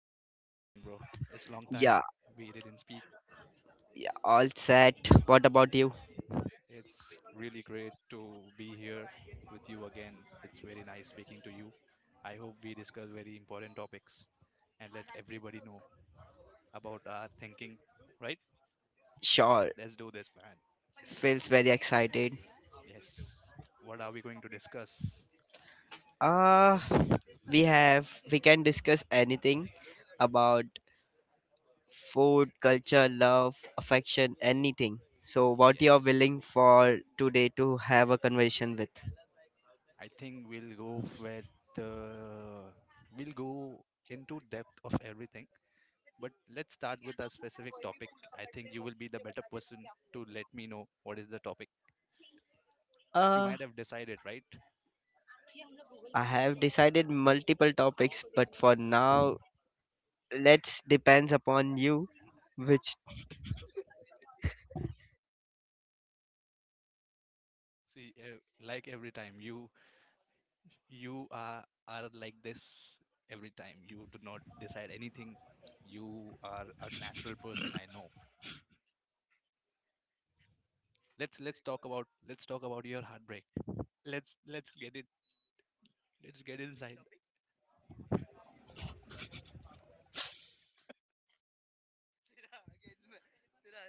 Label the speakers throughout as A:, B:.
A: Dave? How you doing, bro? It's long time
B: Yeah,
A: we didn't speak.
B: all set. What about you?
A: It's really great to be here with you again. It's very nice speaking to you. I hope we discuss very important topics and let everybody know about our thinking, right?
B: Sure,
A: Let's do this, man.
B: feels very excited.
A: Yes. What are we going to discuss?
B: Uh, we can discuss anything about food, culture, love, affection, anything. So, what you are
A: Yes.
B: willing for today to have a conversation with?
A: I think we'll go with uh, we'll go into depth of everything. But let's start with a specific topic. I think you will be the better person to let me know what is the topic. You
B: Uh,
A: might have decided, right?
B: I have decided multiple topics, but for now, let's depends upon you. Which,
A: See, ev- like every time, you are like this every time. You do not decide anything. You are a natural person, I know. Let's talk about your heartbreak. Let's let's get it let's get inside.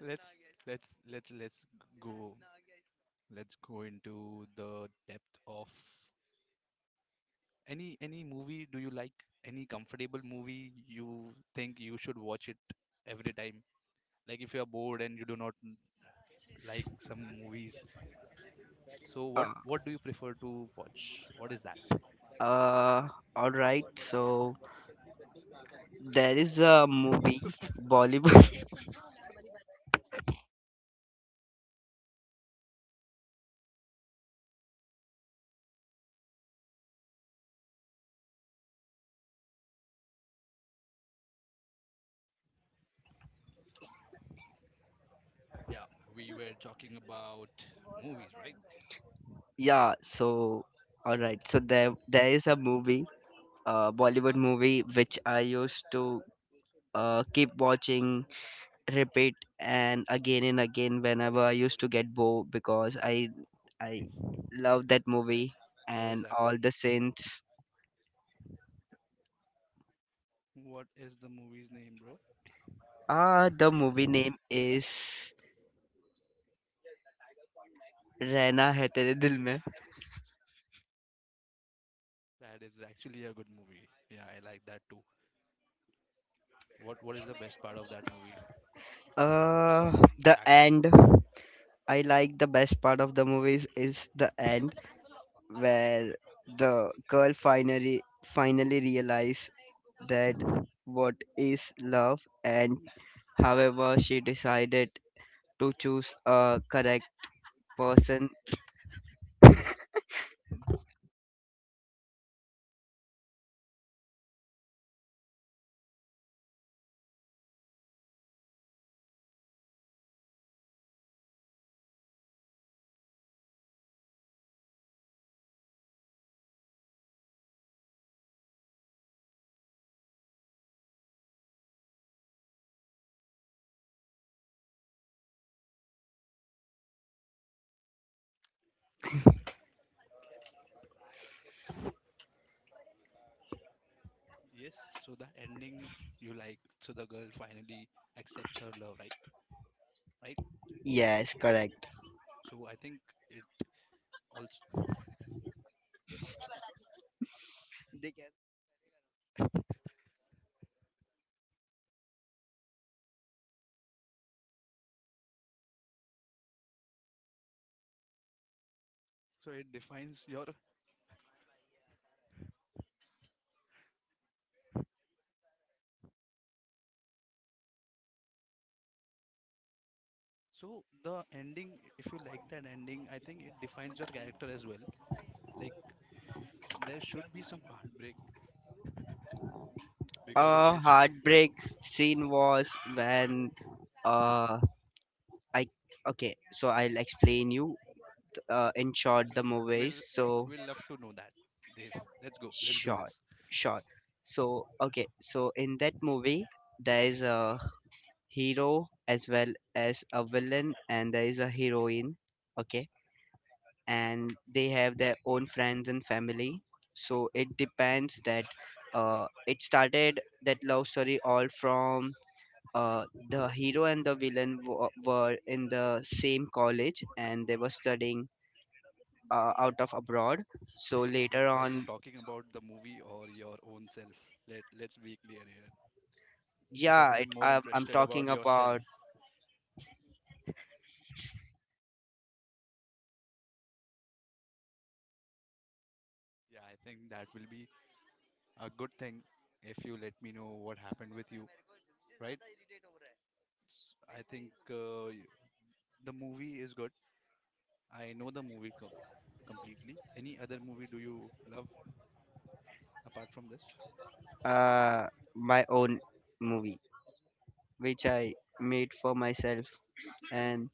A: Let's let's let's let's go let's go into the depth of. Any movie do you like? Any comfortable movie you think you should watch it every time? Like if you are bored and you do not like some movies, so what
B: uh,
A: what do you prefer to watch? What is that?
B: uh all right. So there is a movie, Bollywood.
A: Yeah, we were talking about movies, right?
B: Yeah. So, all right. So there is a movie, Bollywood movie, which I used to keep watching, repeat, and again
A: What
B: whenever
A: is
B: I
A: that? What
B: used to
A: is that?
B: get bored because I love that movie
A: What is
B: and
A: that,
B: all
A: bro?
B: the scenes.
A: What is the movie's name, bro?
B: The movie name is Rehna Hai Tere Dil Mein.
A: That is actually a good movie. Yeah, I like that too. What is the best part of that movie?
B: Uh,
A: Songs,
B: the
A: action.
B: end. I like the best part of the movies is the end where the girl finally realize that what is love and however she decided to choose a correct person.
A: Yes, so the ending you like, so the girl finally accepts her love, right? Right?
B: Yes, correct.
A: So I think it also, so it defines your, so the ending, if you like that ending, I think it defines your character as well. Like there should be some heartbreak because of
B: A
A: which
B: heartbreak scene was when, uh I, okay, so I'll explain you, in
A: we'll,
B: short, the
A: we'll,
B: movies. So
A: we'll love to know that. Dave, let's go. Let's do
B: short,
A: this.
B: short. So, okay, so in that movie there is a hero as well as a villain, and there is a heroine. Okay, and they have their own friends and family. So it depends that, it started that love story all from, uh, the hero and the villain were in the same college and they were studying, out of abroad. So
A: Dave,
B: later
A: are you
B: on,
A: talking about the movie or your own self? Let's be clear here because
B: yeah,
A: I am more
B: I'm
A: interested about
B: talking
A: yourself.
B: about,
A: Yeah, I think that will be a good thing if you let me know what happened with you, right? S- I think uh, y- the movie is good. I know the movie completely. Any other movie do you love apart from this?
B: uh, my own movie, which I made for myself. And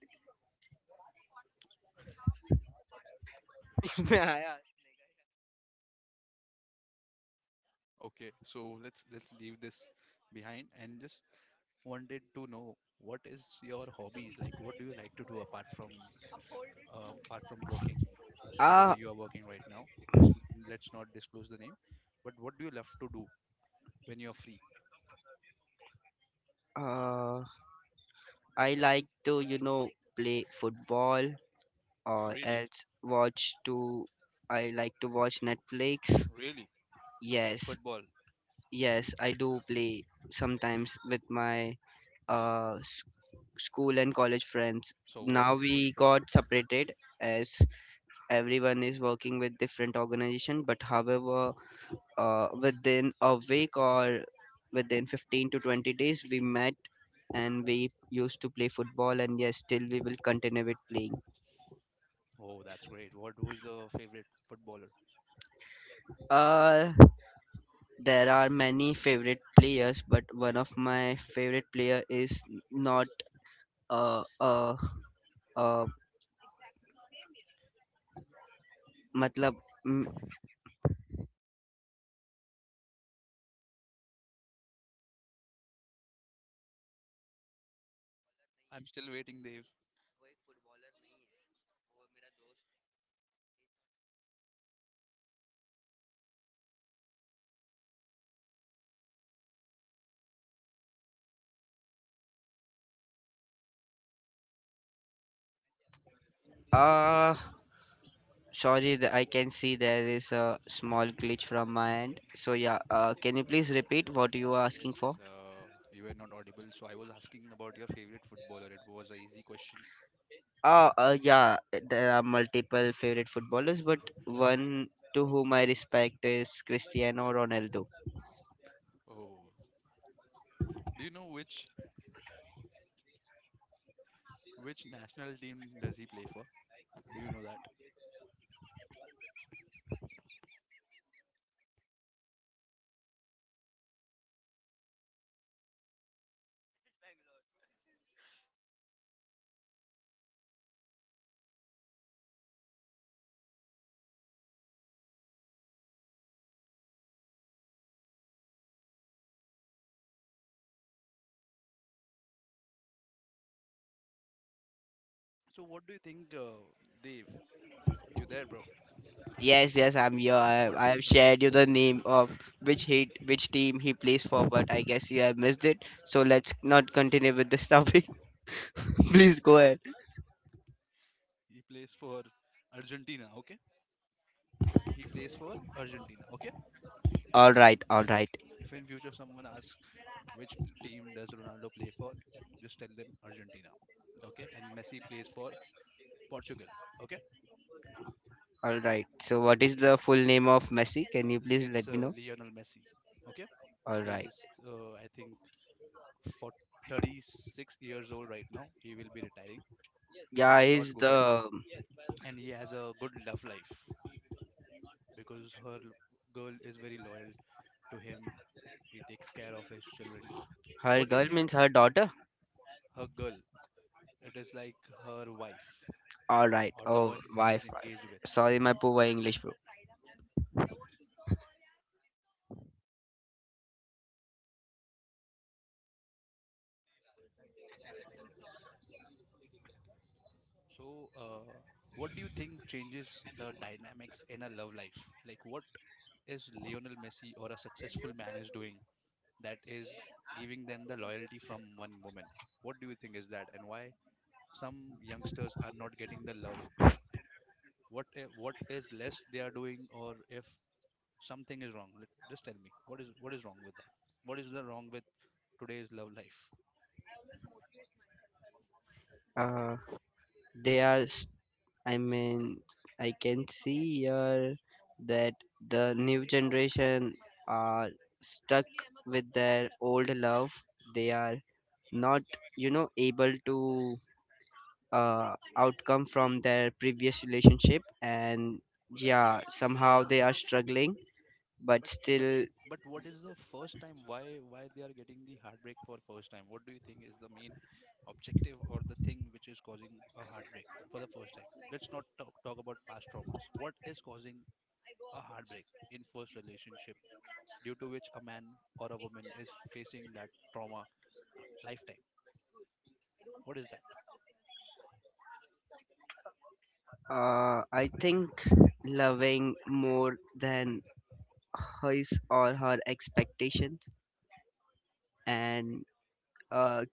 B: uh,
A: Okay, so let's leave this behind and just wanted to know what is your hobbies like? What do you like to do apart from working wherever you are working right now? Just let's not disclose the name, but what do you love to do when you're free?
B: uh, I like to, play football, or
A: Really?
B: else I like to watch Netflix.
A: Really?
B: Yes,
A: Football.
B: yes, I do play sometimes with my uh school and college friends.
A: So what?
B: Now
A: Who is
B: we
A: the?
B: got separated as everyone is working with different organization. But however, within a week or within 15 to 20 days, we met and we used to play football. And yes, still we will continue with playing.
A: Oh, that's great. What? Who is the favorite footballer?
B: Uh, there are many favorite players, but one of my favorite player is not uh uh uh. मतलब.
A: I'm still waiting, Dave.
B: Sorry, I can see there is a small glitch from my end. So yeah, can you please repeat what you are asking for?
A: Yes, you were not audible. So I was asking about your favorite footballer. It was an easy question.
B: Yeah, there are multiple favorite footballers, but one to whom I respect is Cristiano Ronaldo.
A: Oh, do you know which national team does he play for? Do you know that? So what do you think, Dave? You there, bro?
B: Yes, yes, I'm here.
A: What
B: I
A: do you
B: have
A: think
B: shared you the name of which team he plays for, but I guess you have missed it. So let's not continue with this topic. Please go ahead.
A: he plays for? Argentina? Okay, he plays for Argentina. Okay.
B: All right,
A: if
B: all right,
A: if in future someone asks which team does Ronaldo play for? Just tell them Argentina. Okay. And Messi plays for Portugal. Okay.
B: all right. So what
A: Okay.
B: is the full name of Messi? Can you please
A: It's
B: let me know?
A: Lionel Messi. Okay.
B: All
A: He
B: right.
A: is, I think, for 36 years old right now. He will be retiring.
B: Yeah,
A: Let's not
B: is
A: go there.
B: the
A: And he has a good love life because her girl is very loyal to him. He takes care of his children.
B: her
A: What do you
B: girl
A: think
B: means her daughter?
A: her girl? It is like her wife
B: All right.
A: or the
B: Oh,
A: one he is
B: wife, wife.
A: engaged with.
B: Sorry, my poor English, bro.
A: So, what do you think changes the dynamics in a love life? Like, what is Lionel Messi or a successful man is doing that is giving them the loyalty from one woman? What do you think is that, and why some youngsters are not getting the love? What what is less they are doing, or if something is wrong? Just tell me what is wrong with that? What is the wrong with today's love life?
B: Uh, they are. I mean, I can see here that the new generation are stuck with their old love. They are not, able to outcome from their previous relationship, and yeah, somehow they are struggling, but
A: But but
B: still.
A: but what is the first time? Why they are getting the heartbreak for first time? What do you think is the main objective or the thing which is causing a heartbreak for the first time? Let's not talk about past traumas. What is causing a heartbreak in first relationship due to which a man or a woman is facing that trauma lifetime? What is that?
B: I think loving more than his or her expectations and, uh,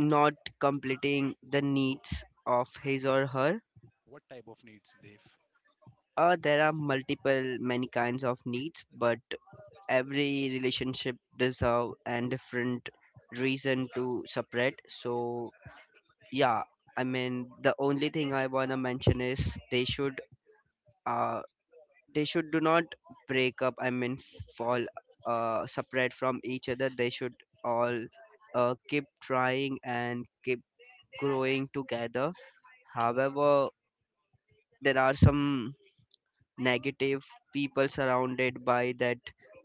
B: not completing the needs of his or her.
A: What type of needs they've?
B: There are multiple many kinds of needs, but every relationship deserve and different reason to separate. So yeah, I mean the only thing I wanna mention is uh, they should do not break up, I mean fall, separate from each other. They should all, keep trying and keep growing together. However, there are some negative people surrounded by that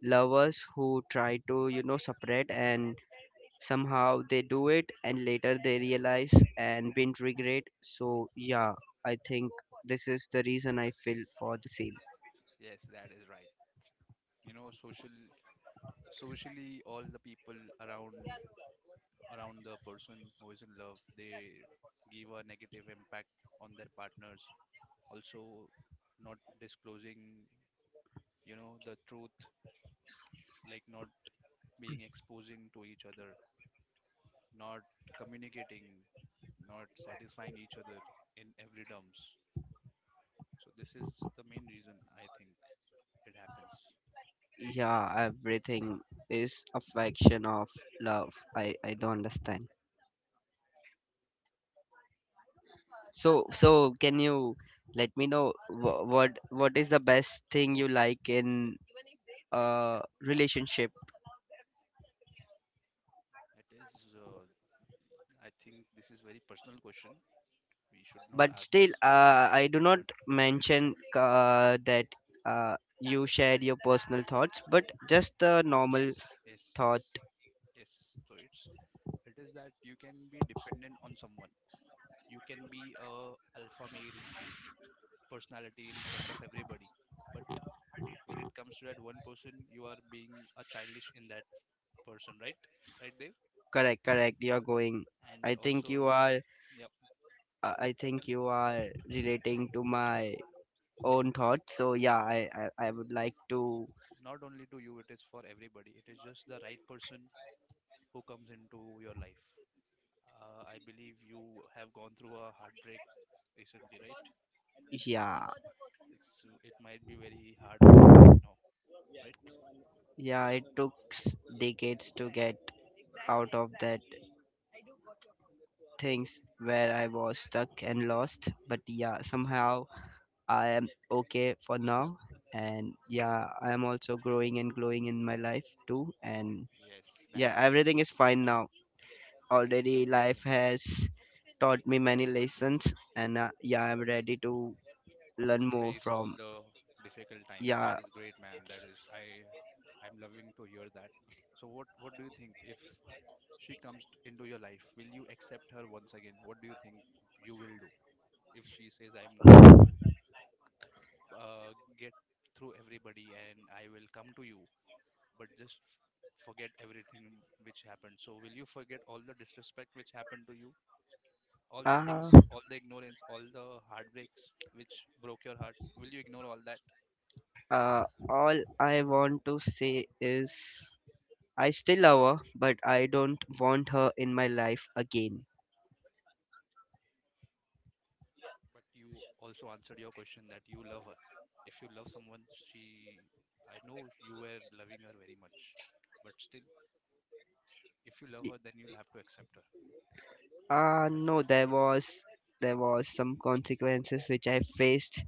B: lovers who try to, separate, and somehow they do it and later they realize and been regret. So yeah, I think this is the reason I feel
A: Yes.
B: for the same.
A: Yes, that is right. You know, socially all the people around around the person who is in love, they give a negative impact on their partners, also not disclosing, you know, the truth, like not being exposing to each other, not communicating, not satisfying each other in every terms. So this is the main reason I think it happens.
B: Yeah, everything is affection of love. I don't understand. So, can you let me know what is the best thing you like in a relationship?
A: It is I think this is very personal question, we should not
B: But
A: ask
B: still,
A: this,
B: I do not
A: but
B: mention, that, you shared your personal thoughts, but just the
A: Yes,
B: normal
A: yes, yes,
B: thought.
A: yes. So it is that you can be dependent on someone. You can be a alpha male personality in front of everybody. When it comes to that one person, you are being a childish in that person, right? Right there.
B: Correct, correct. You're going.
A: And
B: I think you
A: also,
B: are.
A: yep.
B: I think you are relating to my own thoughts. So yeah,
A: Oh,
B: I would like to.
A: not only to you, it is for everybody. It is just the right person who comes into your life. I believe you have gone through a heartbreak recently, right?
B: Yeah,
A: It's it might be very hard for you right now, right?
B: yeah, it took decades to get out of that things where I was stuck and lost. But yeah, somehow I am okay for now. And yeah, I am also growing and glowing in my life too. And
A: Yes, that
B: yeah,
A: is,
B: everything is fine now.
A: that is a
B: Already
A: good thing.
B: life has taught me many lessons, and, yeah, I'm ready to learn more
A: Face all
B: from.
A: the difficult times. That
B: Yeah.
A: is great, man. That is I I'm loving to hear that. So what do you think if she comes into your life, will you accept her once again? What do you think you will do if she says I'm going to uh, get through everybody and I will come to you, but just forget everything which happened. So will you forget all the disrespect which happened to you? All the
B: Uh,
A: things, all the ignorance, all the heartbreaks which broke your heart, will you ignore all that?
B: Uh, all I want to say is I still love her, but I don't want her in my life again.
A: But you also answered your question that you love her. If you love someone, she, I know you were loving her very much, but still, if you love her, then you'll have to accept her, right?
B: No, there was some consequences which I faced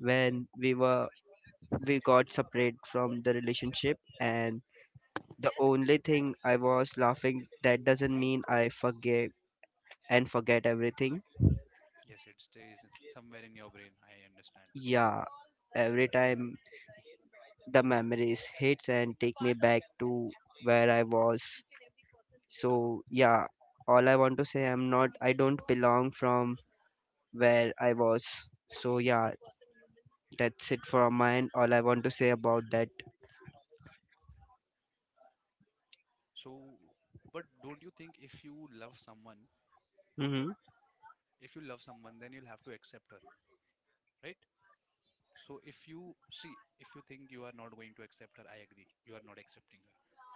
B: when we got separated from the relationship, and the only thing I was laughing that doesn't mean I forgive and forget everything.
A: Yes, it stays somewhere in your brain. I understand.
B: Yeah, every time the memories hits and take me back to where I was. So yeah, all I want to say, I'm not, I don't belong from where I was. So yeah, that's it from mine. All I want to say about that.
A: So, but don't you think
B: Hmm.
A: if you love someone, then you'll have to accept her, right? So if you see, if you think you are not going to accept her, I agree, you are not accepting her.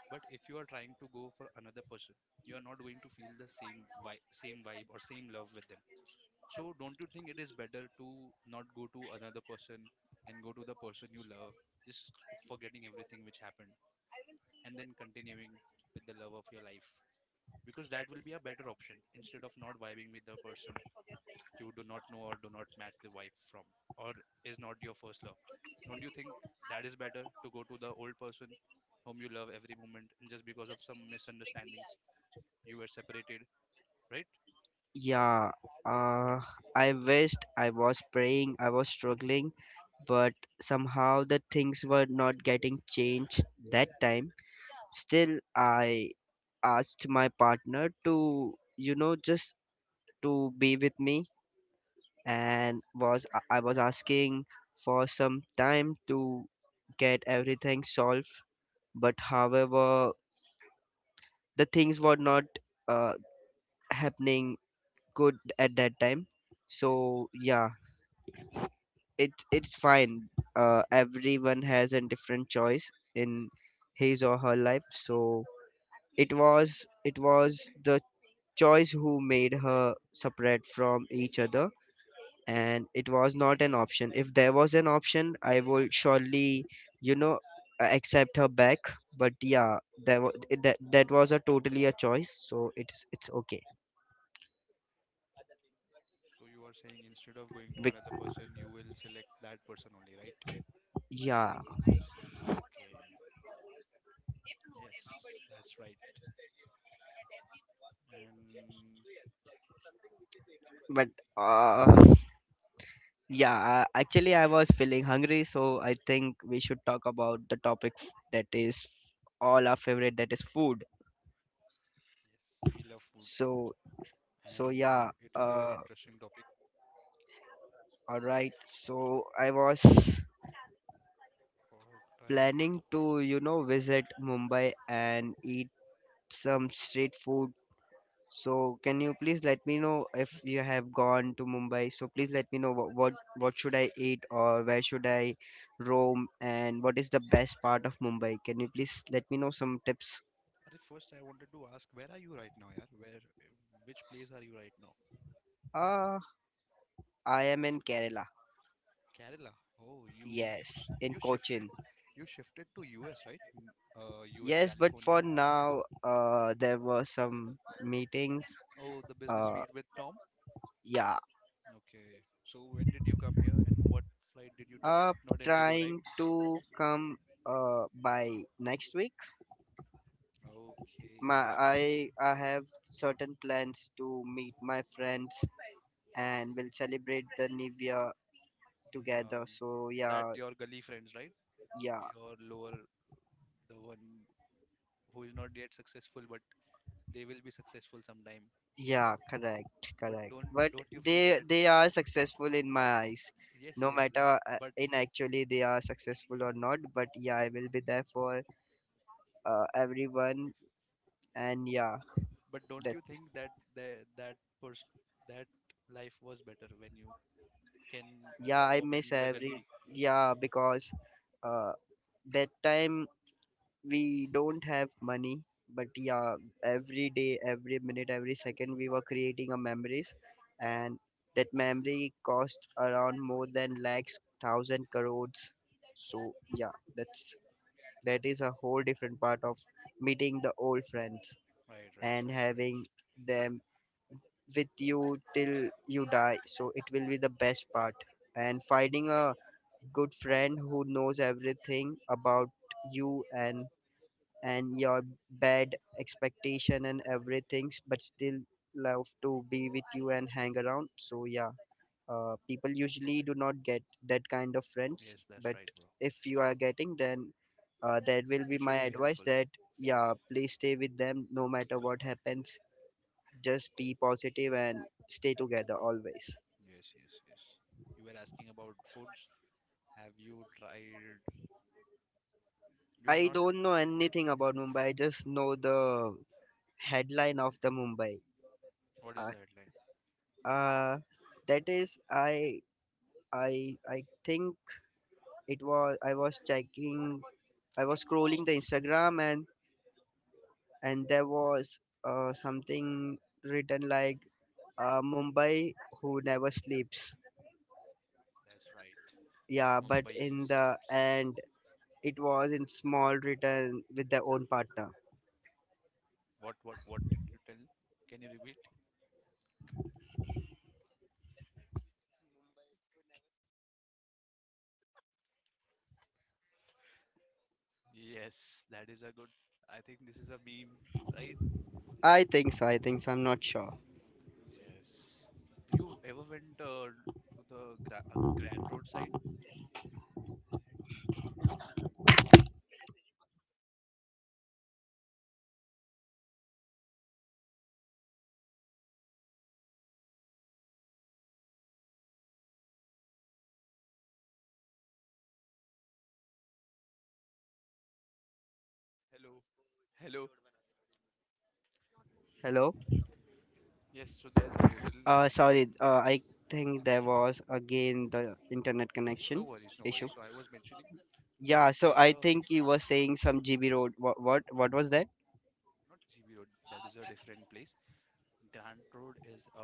A: But if you are trying to go for another person, you are not going to feel the same vibe or same love with them. So don't you think it is better to not go to another person and go to the person you love, just forgetting everything which happened and then continuing with the love of your life? Because that will be a better option instead of not vibing with the person you do not know or do not match the wife from or is not your first love. Don't you think that is better to go to the old person whom you love every moment and just because of some misunderstandings you were separated, right?
B: Yeah. Uh, I wished I was praying. I was struggling, but somehow the things were not getting changed that time. Still, I asked my partner to, just to be with me, and was I was asking for some time to get everything solved. But however, the things were not, uh, happening good at that time. So yeah, it's fine. Everyone has a different choice in his or her life. So it was the choice who made her separate from each other, and it was not an option. If there was an option, I will surely, you know accept her back. But yeah, that, wa- that that was a totally a choice. So it's okay.
A: So you are saying instead of going to another
B: Bec-
A: person, you will select that person only, right?
B: yeah,
A: Okay. Yes, that's right. And
B: but, uh yeah, actually, I was feeling hungry, so I think we should talk about the topic, that is all our favorite, that is food.
A: we love food,
B: So,
A: and
B: yeah,
A: it is a very
B: uh,
A: interesting topic
B: all right.
A: about
B: So I was
A: our time.
B: planning to, visit Mumbai and eat some street food. So can you please let me know if you have gone to Mumbai? So please let me know what, should I eat, or where should I roam, and what is the best part of Mumbai? Can you please let me know some tips?
A: Arey, first I wanted to ask, where are you right now, yaar? Where, which place are you right now?
B: Uh, I am in Kerala.
A: Kerala. Oh, you s-
B: Yes,
A: you
B: in
A: shifted,
B: Cochin.
A: you shifted to US, right? US,
B: Yes, but
A: California.
B: for now, there were some meetings.
A: Oh, the business
B: Uh,
A: meet with Tom.
B: yeah,
A: Okay. So when did you come here, and what flight did you took?
B: Uh,
A: Not Indigo, right?
B: trying to come, by next week.
A: Okay.
B: My
A: I
B: I have certain plans to meet my friends and we'll celebrate the new year
A: um,
B: together. So
A: that
B: yeah,
A: your gully friends, right?
B: yeah,
A: Your lower, the one who is not yet successful, but they will be successful sometime.
B: yeah, correct,
A: But
B: correct.
A: don't,
B: But they are successful in my eyes.
A: yes,
B: No matter, in actually they are successful or not, but yeah, I will be there for, everyone. And yeah,
A: you
B: that's.
A: think that the that pers- that life was better when you,
B: Yeah, I miss every. Yeah, because. Uh, that time we don't have money, but yeah, every day, every minute, every second we were creating a memories, and that memory cost around more than lakhs thousand crores. So yeah, that's that is a whole different part of meeting the old friends and
A: right.
B: having them with you till you die, so it will be the best part, and finding a good friend who knows everything about you, and your bad expectation and everything, but still love to be with you and hang around. So yeah, people usually do not get that kind of friends, but
A: Right, bro.
B: if you are getting, then, that will be my advice. That yeah, please stay with them no matter what happens. Just be positive and stay together always.
A: You were asking about foods. Have you tried? You are
B: I
A: not.
B: don't know anything about Mumbai. I just know the headline of the Mumbai.
A: What is the
B: Uh,
A: headline?
B: uh, that is, I think it was I was scrolling the Instagram, and there was, something written like, Mumbai who never sleeps.
A: That's right.
B: Yeah,
A: Mumbai
B: but in the
A: sleeps.
B: end it was in small written with their own partner.
A: What? What? What did you tell? Can you repeat? Yes, that is a good. I think this is a meme, right?
B: I think so. I think so. I'm not sure.
A: Yes. You ever went to the Grand Road side? Hello. Hello.
B: Hello.
A: Yes. So there is a hotel. Mm,
B: Sorry. I think there was again the internet
A: no
B: connection
A: worries, no worries.
B: issue.
A: So I was mentioning there was
B: Yeah.
A: there
B: So
A: is
B: I
A: a,
B: think you were saying some GB road. What was that?
A: not GB Road. That is a different place. Grand Road is a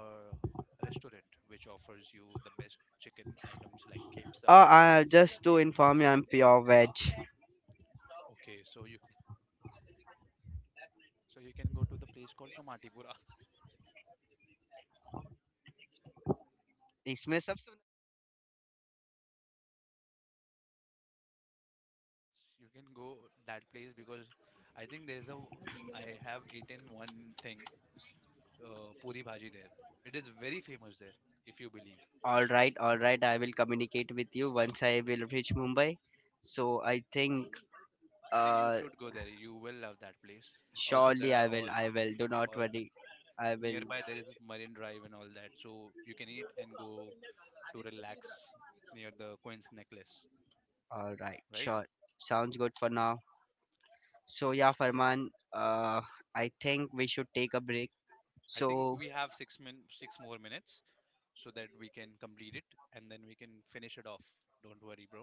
A: restaurant which offers you the best chicken items like kebsa.
B: Just to inform you, I'm pure veg.
A: Okay, so you, so you can go to the place called Kamatipura.
B: इसमें सब सुन.
A: You can go that place because I think there is a, I have eaten one thing, puri bhaji there. It is very famous there, if you believe.
B: All right, all right, I will communicate with you once I will reach Mumbai. So I think,
A: I think you
B: uh
A: should go there. You will love that place. Also, there
B: surely
A: are
B: I will, do not
A: all
B: worry, I will.
A: nearby. There is Marine Drive and all that, so you can eat and go to relax near the Queen's Necklace,
B: All right,
A: right?
B: sure, sounds good for now. So yeah, Farman, uh I think we should take a break.
A: I
B: So
A: think we have six more minutes so that we can complete it and then we can finish it off. Don't worry, bro.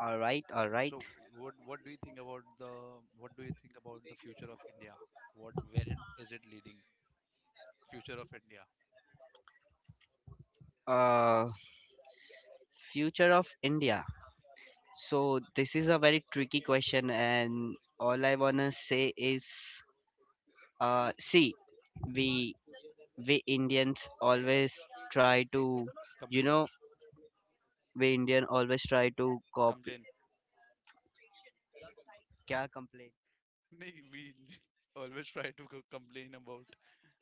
B: all right, all
A: So
B: right,
A: what do you think about the, what do you think about the future of India? What where it, is it leading? Future of India.
B: uh future of India. So this is a very tricky question, and all I wanna say is, see, we we Indians always try to, you
A: Complain.
B: know, we Indian always try to copy.
A: Complain.
B: Kya complain?
A: Nee, we always try to complain about.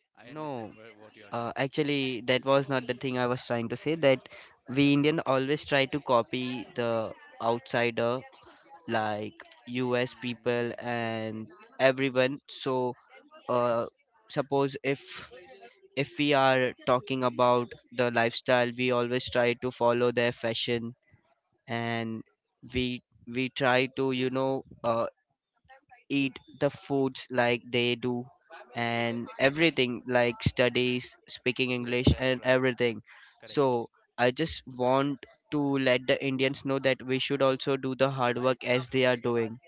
A: I understand
B: No,
A: where, what you are trying
B: uh,
A: to tell me.
B: actually, that was not the thing I was trying to say. That we Indian always try to copy the outsider, like
A: Hmm.
B: U.S. people and everyone. So, uh, suppose if we are talking about the lifestyle, we always try to follow their fashion and we we try to eat the foods like they do and everything like studies speaking
A: Yes,
B: english
A: that's
B: and
A: right.
B: everything.
A: Correct.
B: So I just want to let the indians know that we should also do the hard work as they are doing,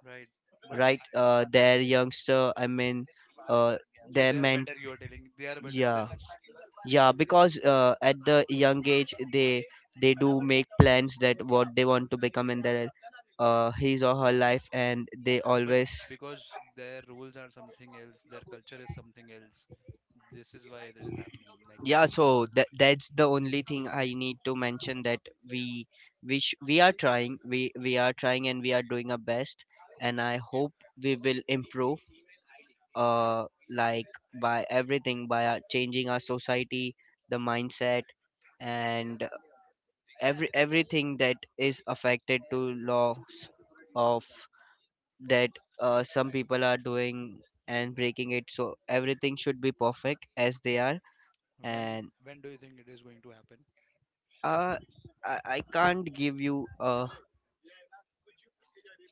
A: Right, but I-,
B: right. Their youngster, I mean, uh,
A: so they
B: their
A: are
B: men.
A: better, you are telling they are better than
B: Yeah,
A: us.
B: yeah,
A: And-
B: because at the young age they do make plans that what they want to become in their, his or her life, and they
A: but
B: always.
A: because their rules are something else, their culture is something else, this is why it is happening like that.
B: Yeah, so that's the only thing I need to mention, that we we are trying and we are doing our best, and I hope we will improve, uh like, by everything, by our, changing our society, the mindset, and everything that is affected to laws of that, some people are doing and breaking it, so everything should be perfect as they are.
A: when
B: And,
A: when do you think it is going to happen?
B: uh, I can't give you a,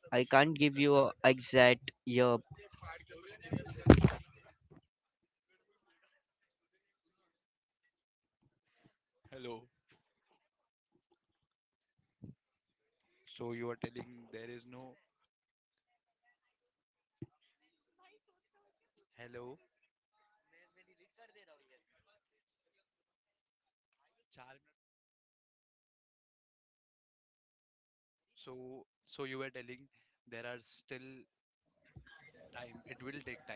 B: I can't give you a exact year.
A: Hello. So you are telling there is no. Hello. So, so you were telling there are still time it will take time,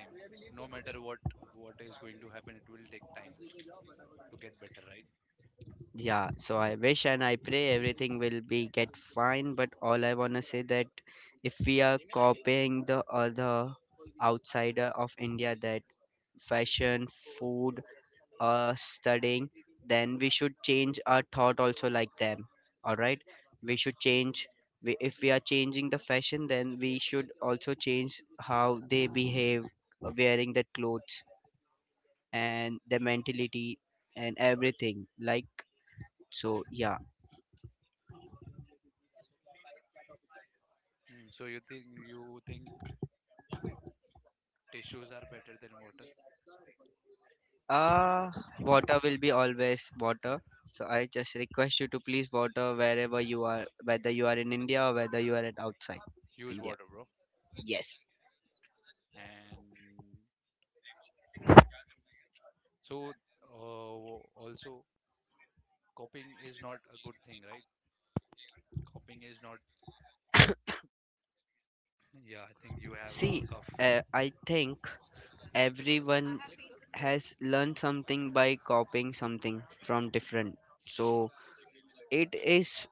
A: no matter what is going to happen, it will take time to get better, right?
B: Yeah, so I wish and I pray everything will be get fine, but all I wanna say that if we are copying the other outsider of India, that fashion, food, studying, then we should change our thought also like them. All right, we should change. We, if we are changing the fashion, then we should also change how they behave, wearing that clothes, and the mentality, and everything. Like, so, yeah.
A: Mm, so you think tissues are better than water.
B: Uh Water will be always water. So I just request you to please water wherever you are, whether you are in India or whether you are at outside
A: Use water,
B: India.
A: bro.
B: Yes.
A: And so, uh, also copying is not a good thing, right? Copying is not. Yeah, I think you have a
B: See,
A: cough.
B: I think everyone has learned something by copying something from different. So it is,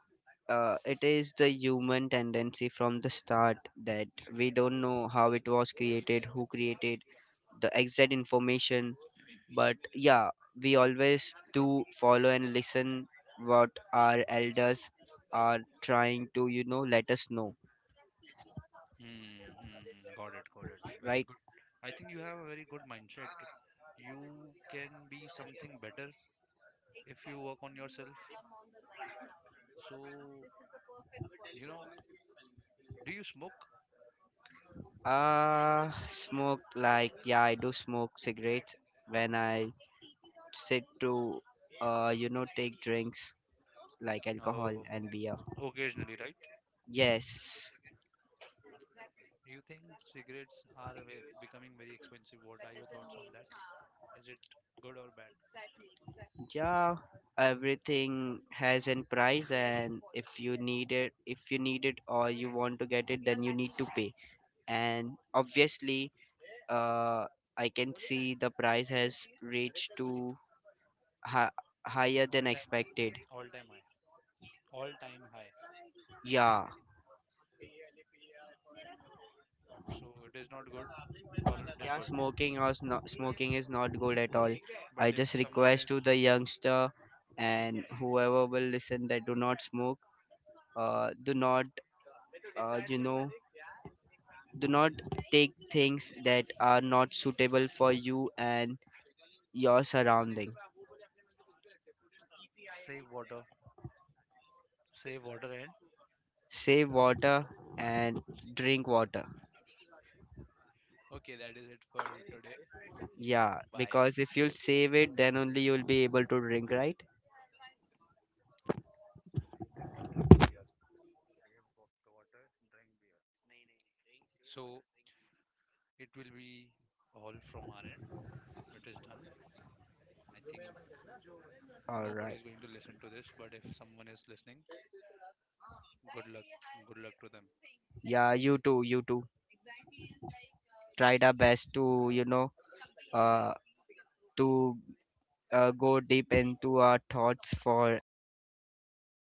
B: it is the human tendency from the start, that we don't know how it was created, who created the exact information, but yeah, we always do follow and listen what our elders are trying to let us know,
A: Hmm, hmm, hmm. Got it, got it. Very good.
B: right.
A: I think you have a very good mindset. You can be something better if you work on yourself. So, you know, do you smoke?
B: Smoke, like, yeah, I do smoke cigarettes. When I said to, you know, take drinks like alcohol
A: Oh,
B: and beer.
A: occasionally, right?
B: Yes,
A: Do you think cigarettes are becoming very expensive? What are your thoughts on that? Is it good or bad?
B: yeah, everything has an price, and if you need it, if you need it or you want to get it, then you need to pay. And obviously, uh, I can see the price has reached to hi- higher
A: All
B: than
A: time high.
B: expected.
A: All time high. All time high.
B: Yeah.
A: So it is not good. Or it is good.
B: Yeah, smoking or not smoking is not good at all.
A: But
B: I
A: if
B: just
A: someone is,
B: request to the youngster and
A: mhm,
B: whoever will listen, that do not smoke. Do not, you know, do not take things that are not suitable for you and your surrounding.
A: save water, save water, and
B: Save water and drink water.
A: okay, that is it for today.
B: Yeah,
A: Bye.
B: because if you'll save it, then only you'll be able to drink, right?
A: Save water, drink. The water, drink beer. So it will be all from our end. It is done. I think
B: All
A: nobody is
B: right.
A: going to listen to this, but if someone is listening, good luck. Good luck to them.
B: Yeah, you too. You too. Tried our best
A: Okay.
B: to, you know, uh, to, go deep into our thoughts for an